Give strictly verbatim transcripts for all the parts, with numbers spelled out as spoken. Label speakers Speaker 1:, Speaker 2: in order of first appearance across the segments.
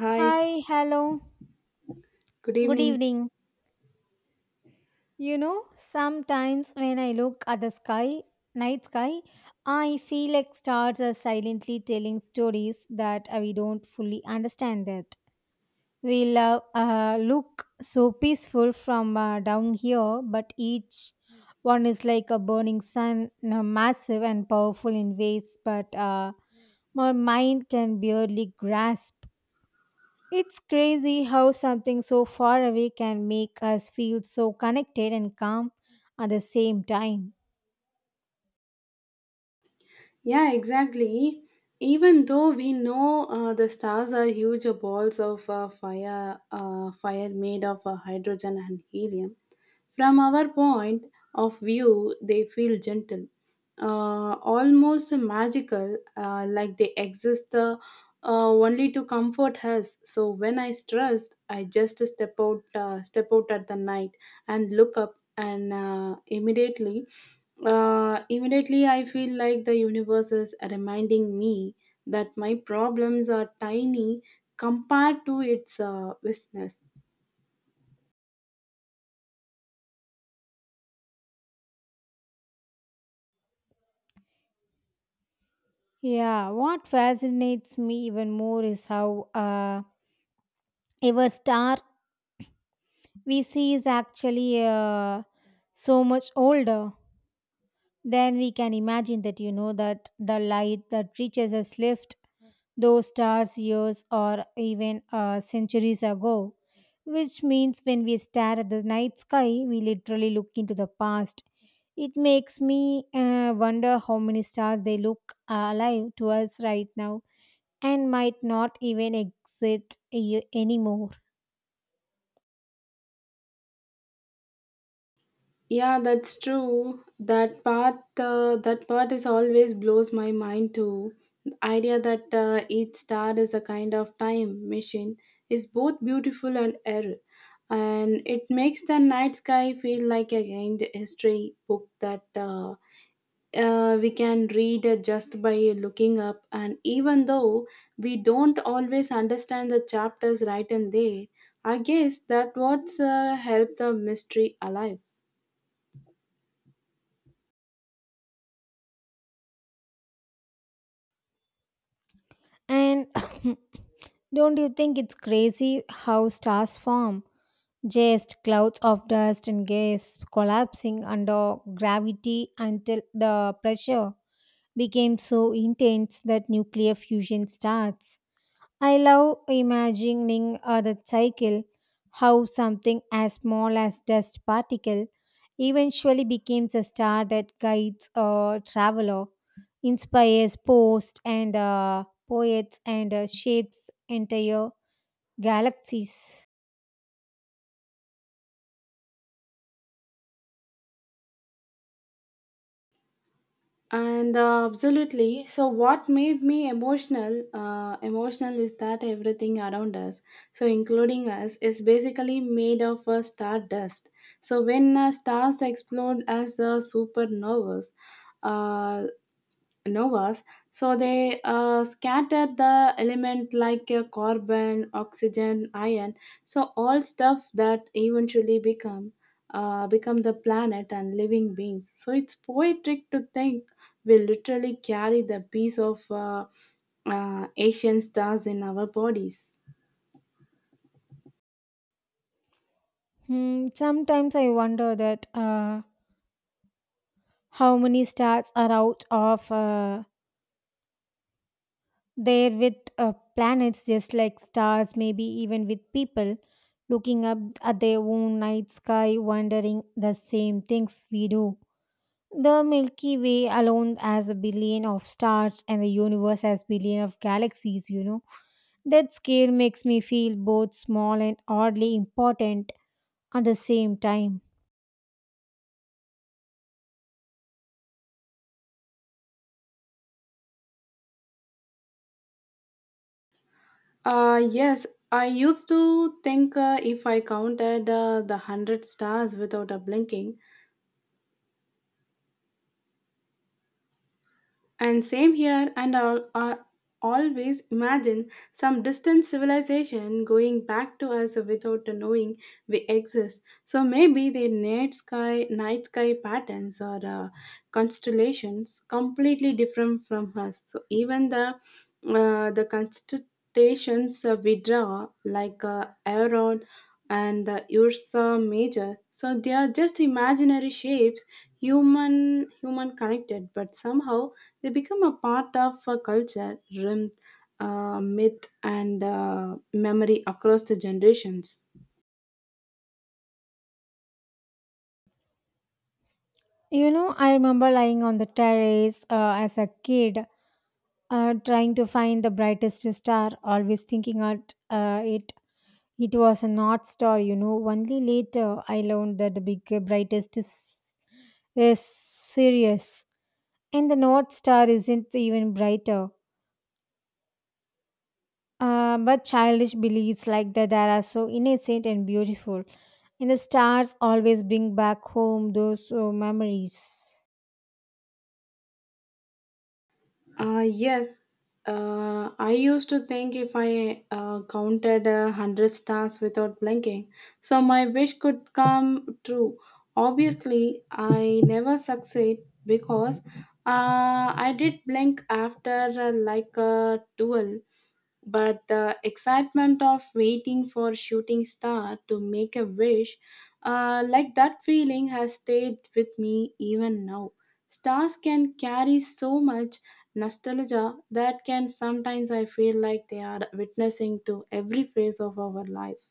Speaker 1: Hi,
Speaker 2: Hi, hello.
Speaker 1: good
Speaker 2: Good
Speaker 1: evening.
Speaker 2: evening. You know, sometimes when I look at the sky, night sky, I feel like stars are silently telling stories that uh, we don't fully understand that. We love, uh, look so peaceful from uh, down here, but each one is like a burning sun, uh, massive and powerful in ways, but uh, my mind can barely grasp. It's crazy how something so far away can make us feel so connected and calm at the same time.
Speaker 1: Yeah, exactly. Even though we know uh, the stars are huge balls of uh, fire, uh, fire made of uh, hydrogen and helium, from our point of view, they feel gentle, uh, almost magical, uh, like they exist uh, uh, only to comfort us. So when I stressed, I just step out, uh, step out at the night and look up, and uh, immediately, uh, immediately I feel like the universe is reminding me that my problems are tiny compared to its uh, vastness.
Speaker 2: Yeah, what fascinates me even more is how uh, our star we see is actually uh, so much older than we can imagine that you know that the light that reaches us left those stars years or even uh, centuries ago, which means when we stare at the night sky, we literally look into the past. It makes me uh, wonder how many stars they look uh, alive to us right now and might not even exist a- anymore.
Speaker 1: Yeah, that's true. That part, uh, that part is always blows my mind too. The idea that uh, each star is a kind of time machine is both beautiful and eerie, and it makes the night sky feel like a kind history book that uh, uh, we can read uh, just by looking up. And even though we don't always understand the chapters right and there, I guess that what's uh, helped the mystery alive.
Speaker 2: And don't you think it's crazy how stars form? Just clouds of dust and gas collapsing under gravity until the pressure became so intense that nuclear fusion starts. I love imagining uh, that cycle, how something as small as dust particle eventually becomes a star that guides a traveler, inspires posts and uh, poets and uh, shapes entire galaxies.
Speaker 1: And uh, Absolutely, so what made me emotional uh, emotional is that everything around us, so including us, is basically made of a star dust. So when uh, stars explode as uh, supernovas uh, novas, so they uh, scatter the element like uh, carbon, oxygen, iron, so all stuff that eventually become uh, become the planet and living beings. So it's poetic to think we literally carry the piece of uh, uh, asian stars in our bodies.
Speaker 2: Hmm, sometimes I wonder that uh, how many stars are out of uh, there with uh, planets just like stars, maybe even with people looking up at their own night sky wondering the same things we do. The milky way alone has a billion of stars and the universe has billion of galaxies, you know. That scale makes me feel both small and oddly important at the same time.
Speaker 1: Uh, yes, I used to think uh, if I counted uh, the hundred stars without a blinking, and same here, and I'll, I always imagine some distant civilization going back to us without knowing we exist. So maybe their night sky, night sky patterns or uh, constellations completely different from us. So even the uh, the constellations uh, we draw, like uh, Aeron and uh, Ursa Major, so they are just imaginary shapes, human human connected, but somehow they become a part of a culture, rhythm, uh, myth, and uh, memory across the generations.
Speaker 2: You know, I remember lying on the terrace uh, as a kid, uh, trying to find the brightest star, always thinking at uh, it. It was a north star, you know. Only later I learned that the big uh, brightest is, is Sirius, and the north star isn't even brighter. Uh, but childish beliefs like that that are so innocent and beautiful, and the stars always bring back home those uh, memories.
Speaker 1: Uh, yes, uh, I used to think if I uh, counted a hundred stars without blinking, so my wish could come true. Obviously, I never succeed because uh, I did blink after uh, like a duel. But the excitement of waiting for shooting star to make a wish, uh, like that feeling has stayed with me even now. Stars can carry so much nostalgia that can sometimes I feel like they are witnessing to every phase of our life.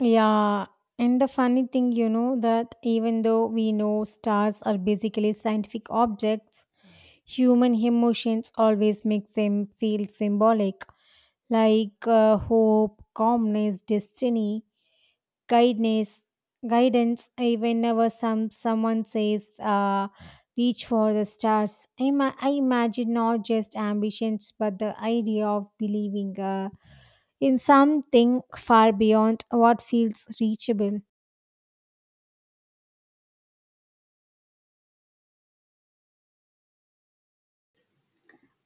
Speaker 2: Yeah, and the funny thing, you know, that even though we know stars are basically scientific objects, human emotions always make them feel symbolic, like uh, hope, calmness, destiny, guidance, guidance. Even whenever some someone says, uh, "Reach for the stars," I, ima- I imagine not just ambitions, but the idea of believing uh, in something far beyond what feels reachable.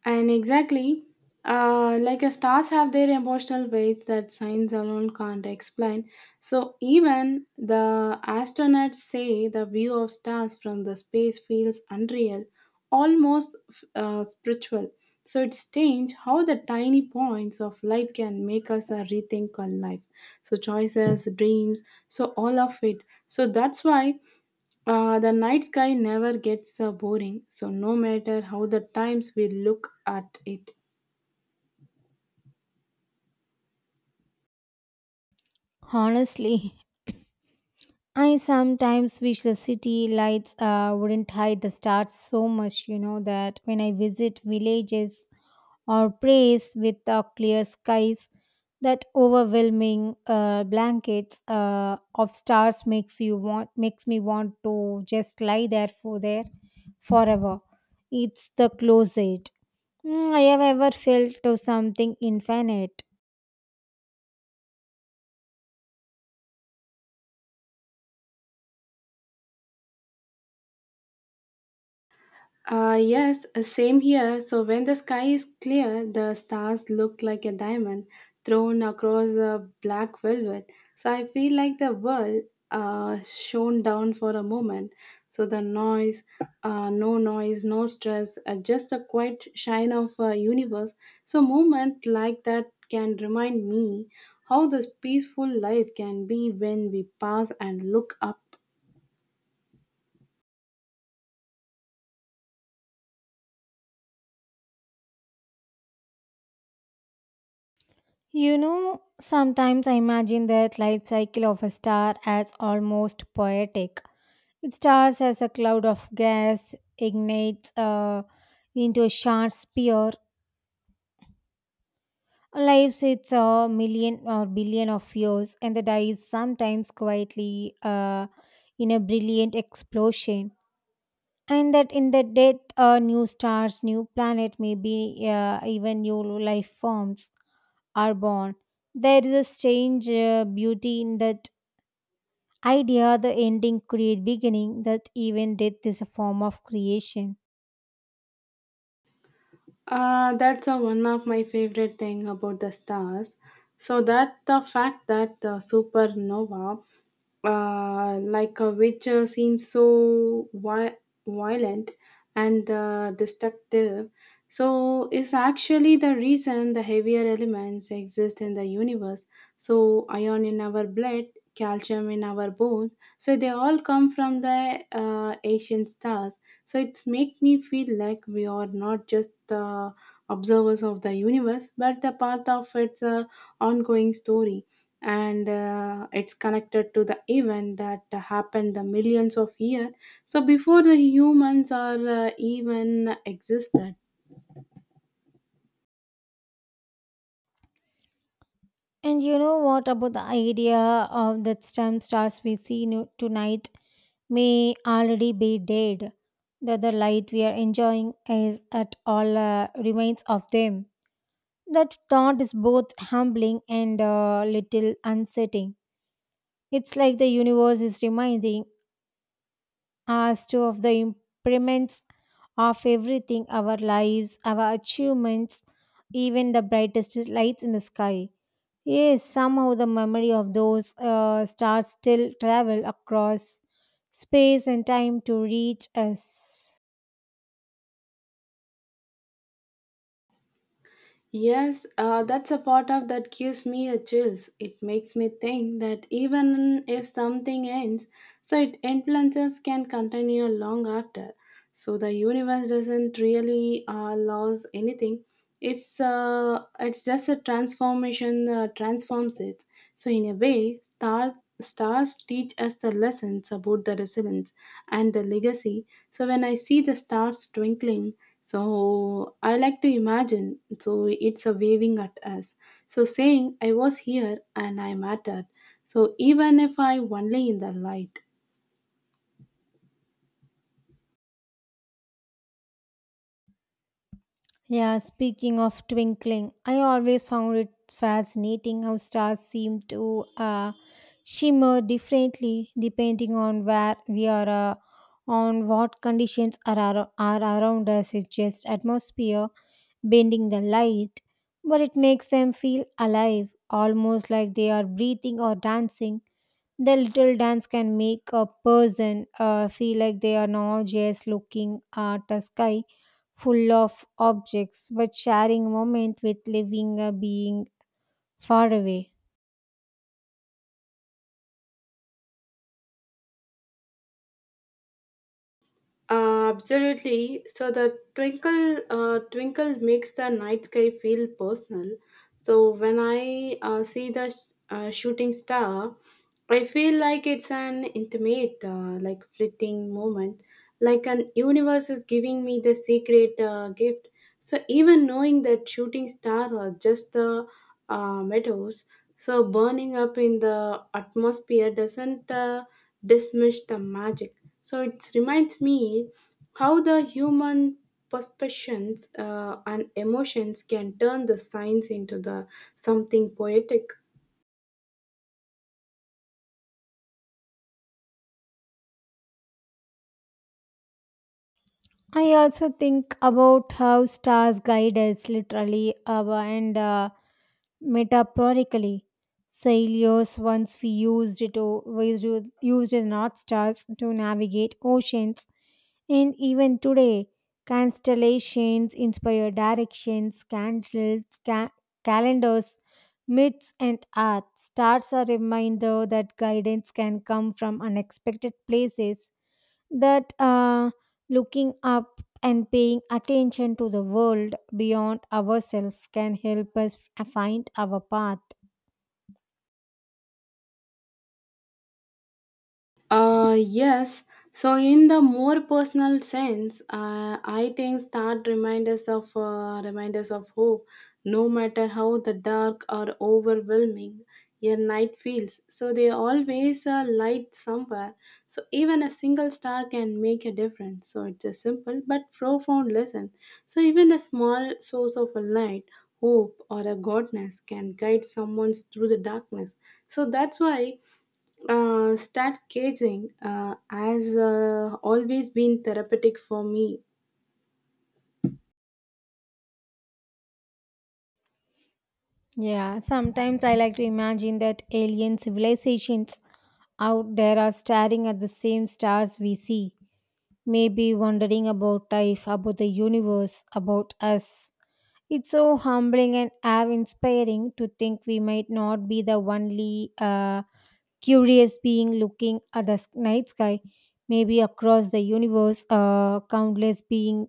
Speaker 1: And exactly, uh, like a stars have their emotional weight that science alone can't explain. So even the astronauts say the view of stars from the space feels unreal, almost uh, spiritual. So it's strange how the tiny points of light can make us uh, rethink our life. So choices, dreams, so all of it. So that's why uh, the night sky never gets uh, boring, so no matter how the times we look at it.
Speaker 2: Honestly, I sometimes wish the city lights uh, wouldn't hide the stars so much, you know, that when I visit villages or place with uh, clear skies, that overwhelming uh, blankets uh, of stars makes you want makes me want to just lie there for there forever. It's the closest Mm, I have ever felt to something infinite.
Speaker 1: Uh, yes, uh, same here. So when the sky is clear, the stars look like a diamond thrown across a black velvet. So I feel like the world uh, shone down for a moment. So the noise, uh, no noise, no stress, uh, just a quiet shine of a universe. So moment like that can remind me how this peaceful life can be when we pause and look up.
Speaker 2: You know, sometimes I imagine that life cycle of a star as almost poetic. It starts as a cloud of gas, ignites uh, into a sharp spear, lives its a million or billion of years, and the dies sometimes quietly uh, in a brilliant explosion, and that in the death uh, new stars, new planet, maybe uh, even new life forms are born. There is a strange uh, beauty in that idea, the ending create beginning, that even death is a form of creation.
Speaker 1: Uh, that's a one of my favorite thing about the stars. So that the fact that the supernova, uh, like a which uh, seems so vi- violent and uh, destructive, so is actually the reason the heavier elements exist in the universe. So iron in our blood, calcium in our bones. So they all come from the uh, ancient stars. So it's make me feel like we are not just the observers of the universe, but the part of its uh, ongoing story. And uh, it's connected to the event that happened the millions of years. So before the humans are uh, even existed.
Speaker 2: And you know what about the idea of that some stars we see no- tonight may already be dead, that the light we are enjoying is at all uh, remains of them. That thought is both humbling and a little unsettling. It's like the universe is reminding us too of the impermanence of everything, our lives, our achievements, even the brightest lights in the sky. Yes, somehow the memory of those uh, stars still travel across space and time to reach us.
Speaker 1: Yes, uh, that's a part of that gives me a chills. It makes me think that even if something ends, so it influences can continue long after. So the universe doesn't really uh, lose anything. It's uh, it's just a transformation uh, transforms it, so in a way star stars teach us the lessons about the resilience and the legacy. So when I see the stars twinkling, so I like to imagine so it's a waving at us, so saying I was here and I mattered, so even if I only in the light.
Speaker 2: Yeah, speaking of twinkling, I always found it fascinating how stars seem to uh, shimmer differently depending on where we are, uh, on what conditions are, ar- are around us. It's just atmosphere bending the light, but it makes them feel alive, almost like they are breathing or dancing. The little dance can make a person uh, feel like they are not just looking at a sky full of objects, but sharing a moment with living a being far away.
Speaker 1: Uh, absolutely. So the twinkle uh, twinkle makes the night sky feel personal. So when I uh, see the s- uh, shooting star, I feel like it's an intimate, uh, like fleeting moment, like an universe is giving me the secret uh, gift. So even knowing that shooting stars are just the uh, meadows, so burning up in the atmosphere doesn't uh, dismiss the magic. So it reminds me how the human perceptions uh, and emotions can turn the science into the something poetic.
Speaker 2: I also think about how stars guide us literally uh, and uh, metaphorically. Sailors once we used to used to- used the north stars to navigate oceans, and even today, constellations inspire directions, candles, ca- calendars, myths, and art. Stars are a reminder that guidance can come from unexpected places, that uh, looking up and paying attention to the world beyond ourselves can help us f- find our path.
Speaker 1: Uh, yes. So, in the more personal sense, uh, I think that remind us of uh, remind us of hope, no matter how the dark or overwhelming your night feels. So, they always uh, light somewhere. So, even a single star can make a difference. So, it's a simple but profound lesson. So, even a small source of a light, hope, or a godness can guide someone through the darkness. So, that's why uh, start caging uh, has uh, always been therapeutic for me.
Speaker 2: Yeah, sometimes I like to imagine that alien civilizations out there are staring at the same stars we see, maybe wondering about life, about the universe, about us. It's so humbling and awe inspiring to think we might not be the only uh, curious being looking at the s- night sky. Maybe across the universe, uh, countless beings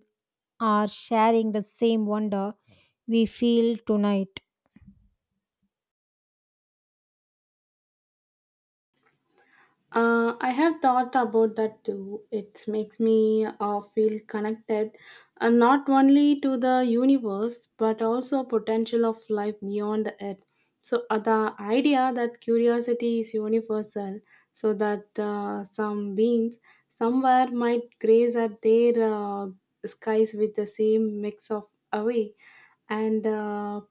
Speaker 2: are sharing the same wonder we feel tonight.
Speaker 1: Uh, I have thought about that too. It makes me uh, feel connected uh, not only to the universe but also potential of life beyond the earth. So, uh, the idea that curiosity is universal, so that uh, some beings somewhere might graze at their uh, skies with the same mix of awe and uh,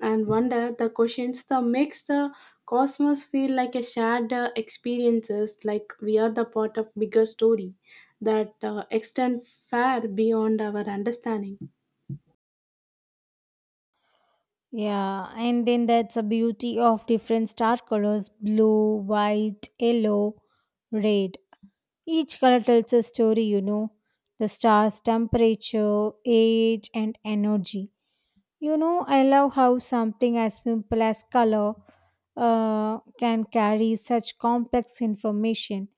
Speaker 1: and wonder the questions that makes the cosmos feel like a shared uh, experiences, like we are the part of bigger story that uh, extend far beyond our understanding.
Speaker 2: Yeah, and then that's a beauty of different star colors, blue, white, yellow, red. Each color tells a story, you know, the star's temperature, age, and energy. You know, I love how something as simple as color uh, can carry such complex information.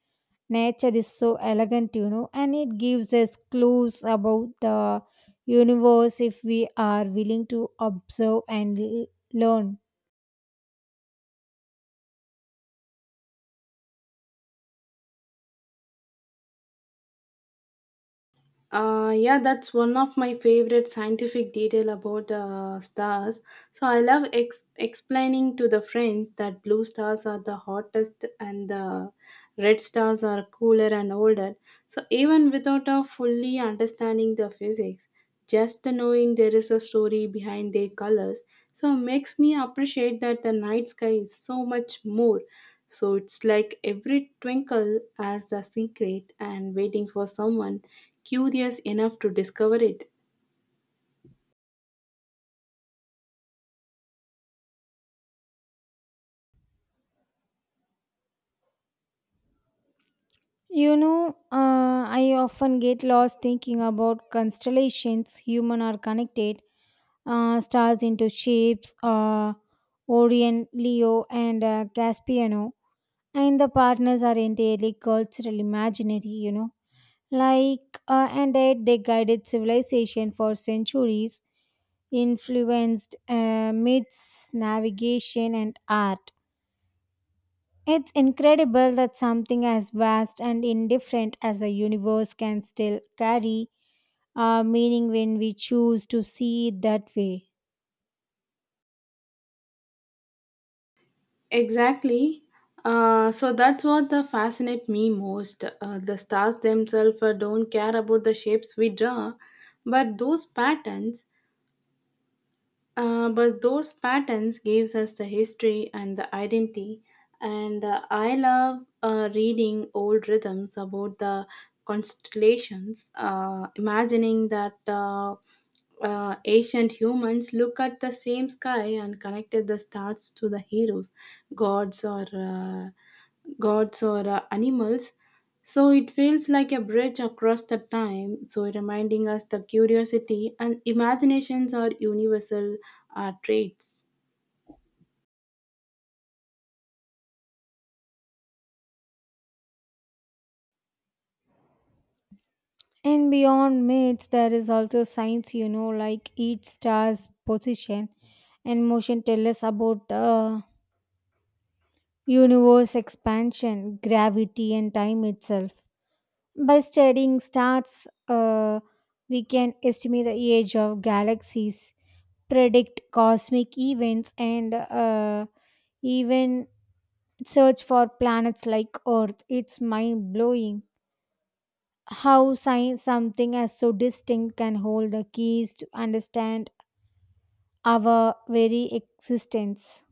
Speaker 2: Nature is so elegant, you know, and it gives us clues about the universe if we are willing to observe and l- learn.
Speaker 1: Uh, yeah, that's one of my favorite scientific detail about uh, stars. So I love ex- explaining to the friends that blue stars are the hottest and the red stars are cooler and older. So even without uh, fully understanding the physics, just the knowing there is a story behind their colors, so makes me appreciate that the night sky is so much more. So it's like every twinkle has the secret and waiting for someone curious enough to discover it.
Speaker 2: You know, uh, I often get lost thinking about constellations, human are connected, uh, stars into shapes, uh, Orion, Leo, and uh, Caspian. And the partners are entirely cultural imaginary, you know. Like uh, and yet they guided civilization for centuries, influenced uh, myths, navigation, and art. It's incredible that something as vast and indifferent as the universe can still carry uh, meaning when we choose to see it that way.
Speaker 1: Exactly. Uh, so that's what the fascinate me most. Uh, the stars themselves uh, don't care about the shapes we draw, but those patterns. Uh, but those patterns gives us the history and the identity, and uh, I love uh, reading old rhythms about the constellations, uh, imagining that uh, uh, ancient humans look at the same sky and connected the stars to the heroes, gods or uh, gods or uh, animals. So it feels like a bridge across the time, so reminding us the curiosity and imaginations are universal uh, traits.
Speaker 2: And beyond myths, there is also science, you know, like each star's position and motion tell us about the universe expansion, gravity, and time itself. By studying stars, uh, we can estimate the age of galaxies, predict cosmic events, and uh, even search for planets like Earth. It's mind blowing how science something as so distinct can hold the keys to understand our very existence.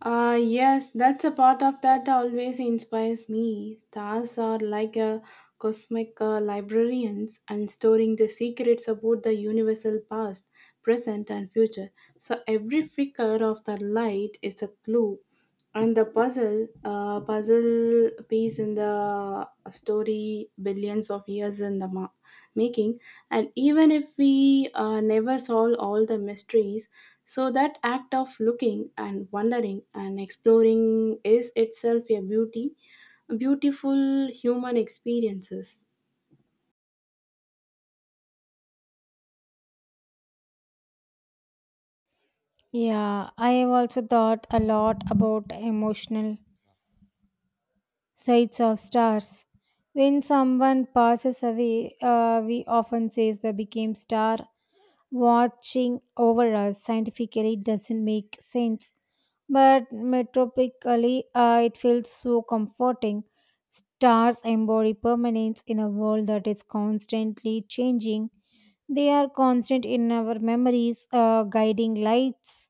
Speaker 1: Uh, yes, that's a part of that always inspires me. Stars are like a cosmic uh, librarians and storing the secrets about the universal past, present, and future. So every flicker of the light is a clue and the puzzle, uh, puzzle piece in the story, billions of years in the ma- making. And even if we uh, never solve all the mysteries, so that act of looking and wondering and exploring is itself a beauty, beautiful human experiences.
Speaker 2: Yeah, I have also thought a lot about emotional sights of stars. When someone passes away, uh, we often say they became star watching over us. Scientifically, it doesn't make sense, but metropically, uh, it feels so comforting. Stars embody permanence in a world that is constantly changing. They are constant in our memories, uh, guiding lights,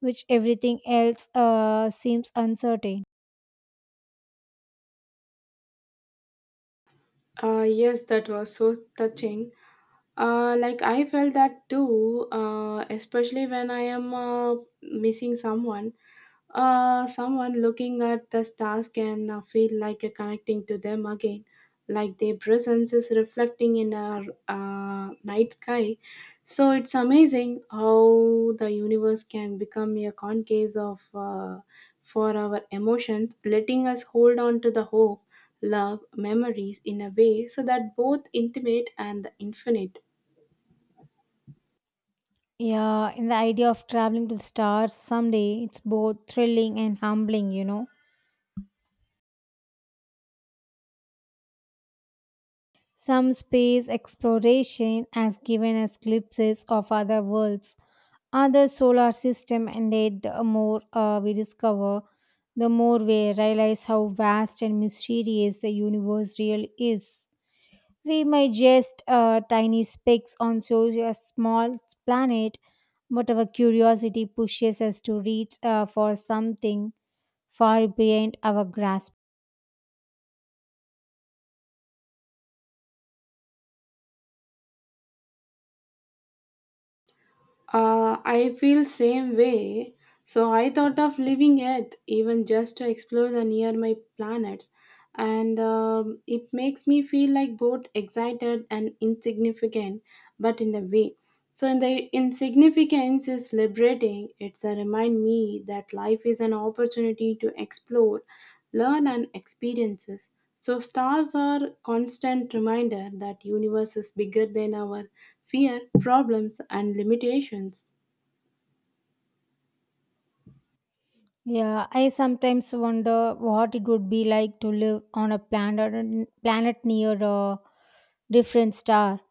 Speaker 2: which everything else uh, seems uncertain.
Speaker 1: Uh, yes, that was so touching. Uh, like I felt that too, uh, especially when I am uh, missing someone. Uh, someone looking at the stars can uh, feel like uh, connecting to them again, like their presence is reflecting in our uh, night sky. So it's amazing how the universe can become a concave of uh, for our emotions, letting us hold on to the hope, love, memories in a way so that both intimate and infinite.
Speaker 2: Yeah, in the idea of traveling to the stars someday, it's both thrilling and humbling, you know. Some space exploration has given us glimpses of other worlds, other solar system, and yet the more uh, we discover, the more we realize how vast and mysterious the universe really is. We may just uh, tiny specks on such a small planet, but our curiosity pushes us to reach uh, for something far beyond our grasp.
Speaker 1: Uh, I feel same way. So I thought of leaving Earth even just to explore the nearby planets, and um, it makes me feel like both excited and insignificant, but in a way. So in the insignificance is liberating. It's a remind me that life is an opportunity to explore, learn, and experiences. So stars are constant reminder that universe is bigger than our fear, problems and limitations.
Speaker 2: Yeah, I sometimes wonder what it would be like to live on a planet planet near a different star.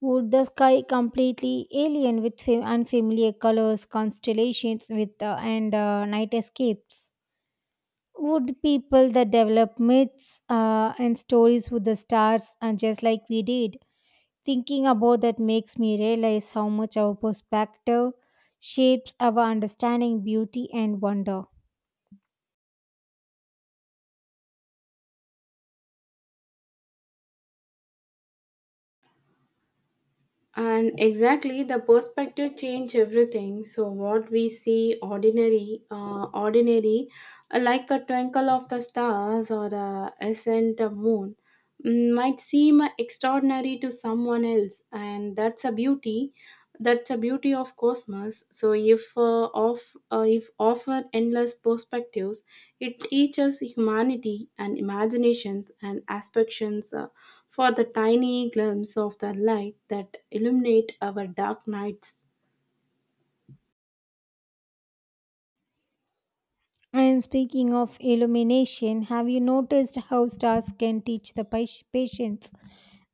Speaker 2: Would the sky completely alien with fa- unfamiliar colors, constellations, with uh, and uh, night escapes? Would people that develop myths uh, and stories with the stars, and just like we did, thinking about that makes me realize how much our perspective shapes our understanding, beauty, and wonder.
Speaker 1: And exactly the perspective change everything. So what we see ordinary, uh, ordinary, uh, like a twinkle of the stars or a ascent of moon, mm, might seem extraordinary to someone else, and that's a beauty That's a beauty of cosmos. So if uh, of uh, if offer endless perspectives, it teaches humanity and imaginations and aspirations uh, for the tiny glimpse of the light that illuminate our dark nights.
Speaker 2: And speaking of illumination, have you noticed how stars can teach the pa- patience?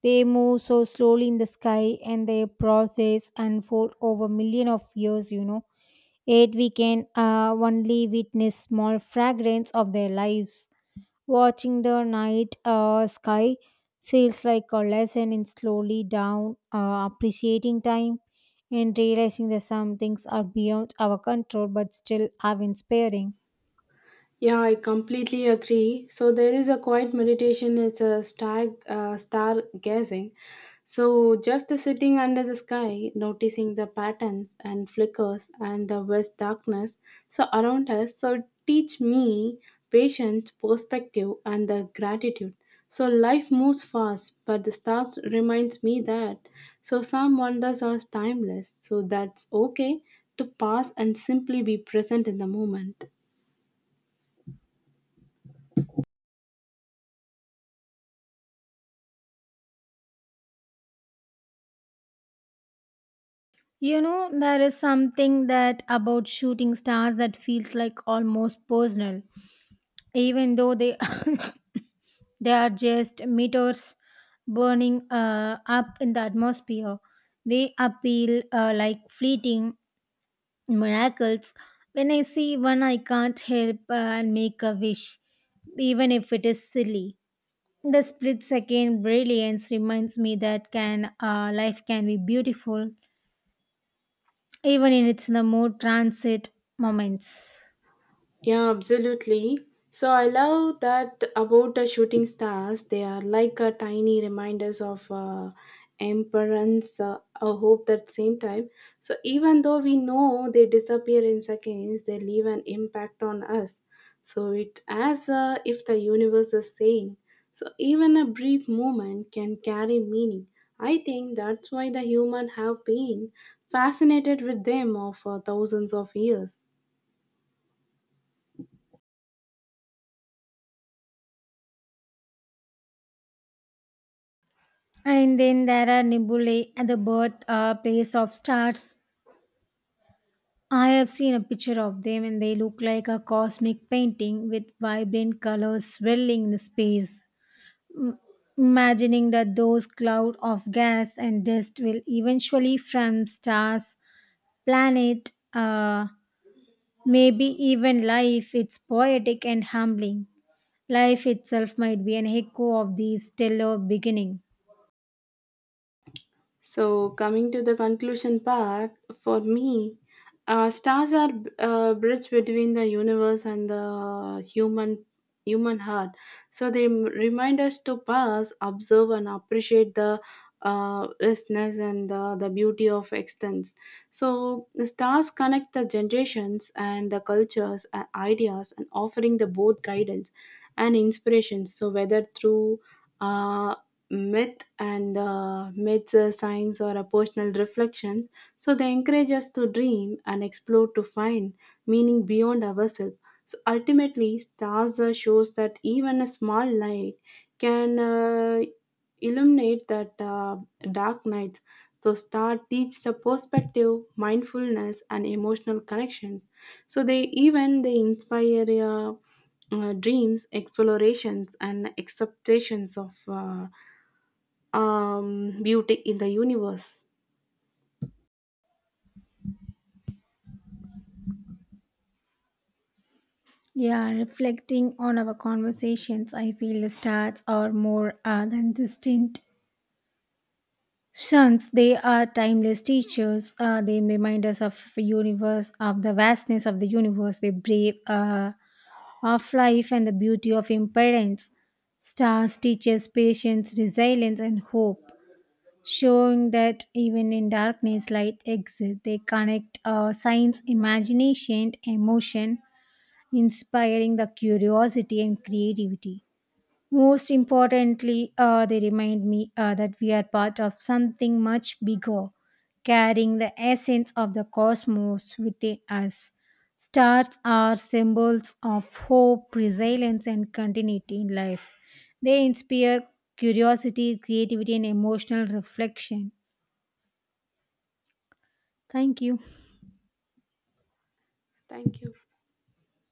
Speaker 2: They move so slowly in the sky and their process unfold over million of years, you know. Yet we can uh, only witness small fragments of their lives. Watching the night uh, sky feels like a lesson in slowly down, uh, appreciating time and realizing that some things are beyond our control but still are inspiring.
Speaker 1: Yeah, I completely agree. So there is a quiet meditation. It's a star, uh, star gazing. So just the sitting under the sky, noticing the patterns and flickers and the vast darkness so around us. So teach me patience, perspective, and the gratitude. So life moves fast, but the stars reminds me that. So some wonders are timeless. So that's okay to pass and simply be present in the moment.
Speaker 2: You know, there is something that about shooting stars that feels like almost personal, even though they they are just meteors burning uh, up in the atmosphere. They appeal uh, like fleeting miracles. When I see one, I can't help uh, and make a wish, even if it is silly. The split second brilliance reminds me that can uh, life can be beautiful even in its the more transit moments.
Speaker 1: Yeah, absolutely. So I love that about the shooting stars. They are like a tiny reminders of uh, emperance, uh, a hope that same time. So even though we know they disappear in seconds, they leave an impact on us. So it's as uh, if the universe is saying, so even a brief moment can carry meaning. I think that's why the human have been fascinated with them of uh, thousands of years.
Speaker 2: And then there are nebulae at the birth uh, place of stars. I have seen a picture of them and they look like a cosmic painting with vibrant colors swirling in the space. Imagining that those cloud of gas and dust will eventually from stars, planet, uh, maybe even life, it's poetic and humbling. Life itself might be an echo of the stellar beginning.
Speaker 1: So, coming to the conclusion part, for me, uh, stars are a bridge between the universe and the human human heart. So they m- remind us to pause, observe, and appreciate the uh, vastness and uh, the beauty of extents. So the stars connect the generations and the cultures and ideas, and offering the both guidance and inspiration. So whether through uh, myth and uh, myths, uh, science, or a personal reflections. So they encourage us to dream and explore to find meaning beyond ourselves. So ultimately, stars uh, shows that even a small light can uh, illuminate that uh, dark nights. So star teach the perspective, mindfulness, and emotional connection. So they even they inspire. Uh, uh, dreams, explorations, and acceptations of uh, um, beauty in the universe.
Speaker 2: Yeah, reflecting on our conversations, I feel the stars are more uh, than distant suns. They are timeless teachers. Uh, they remind us of the universe, of the vastness of the universe. They brave uh, of life and the beauty of impermanence. Stars teach us patience, resilience, and hope, showing that even in darkness, light exists. They connect uh, science, imagination, and emotion inspiring the curiosity and creativity. Most importantly, uh, they remind me uh, that we are part of something much bigger, carrying the essence of the cosmos within us. Stars are symbols of hope, resilience, and continuity in life. They inspire curiosity, creativity, and emotional reflection. Thank you.
Speaker 1: Thank you.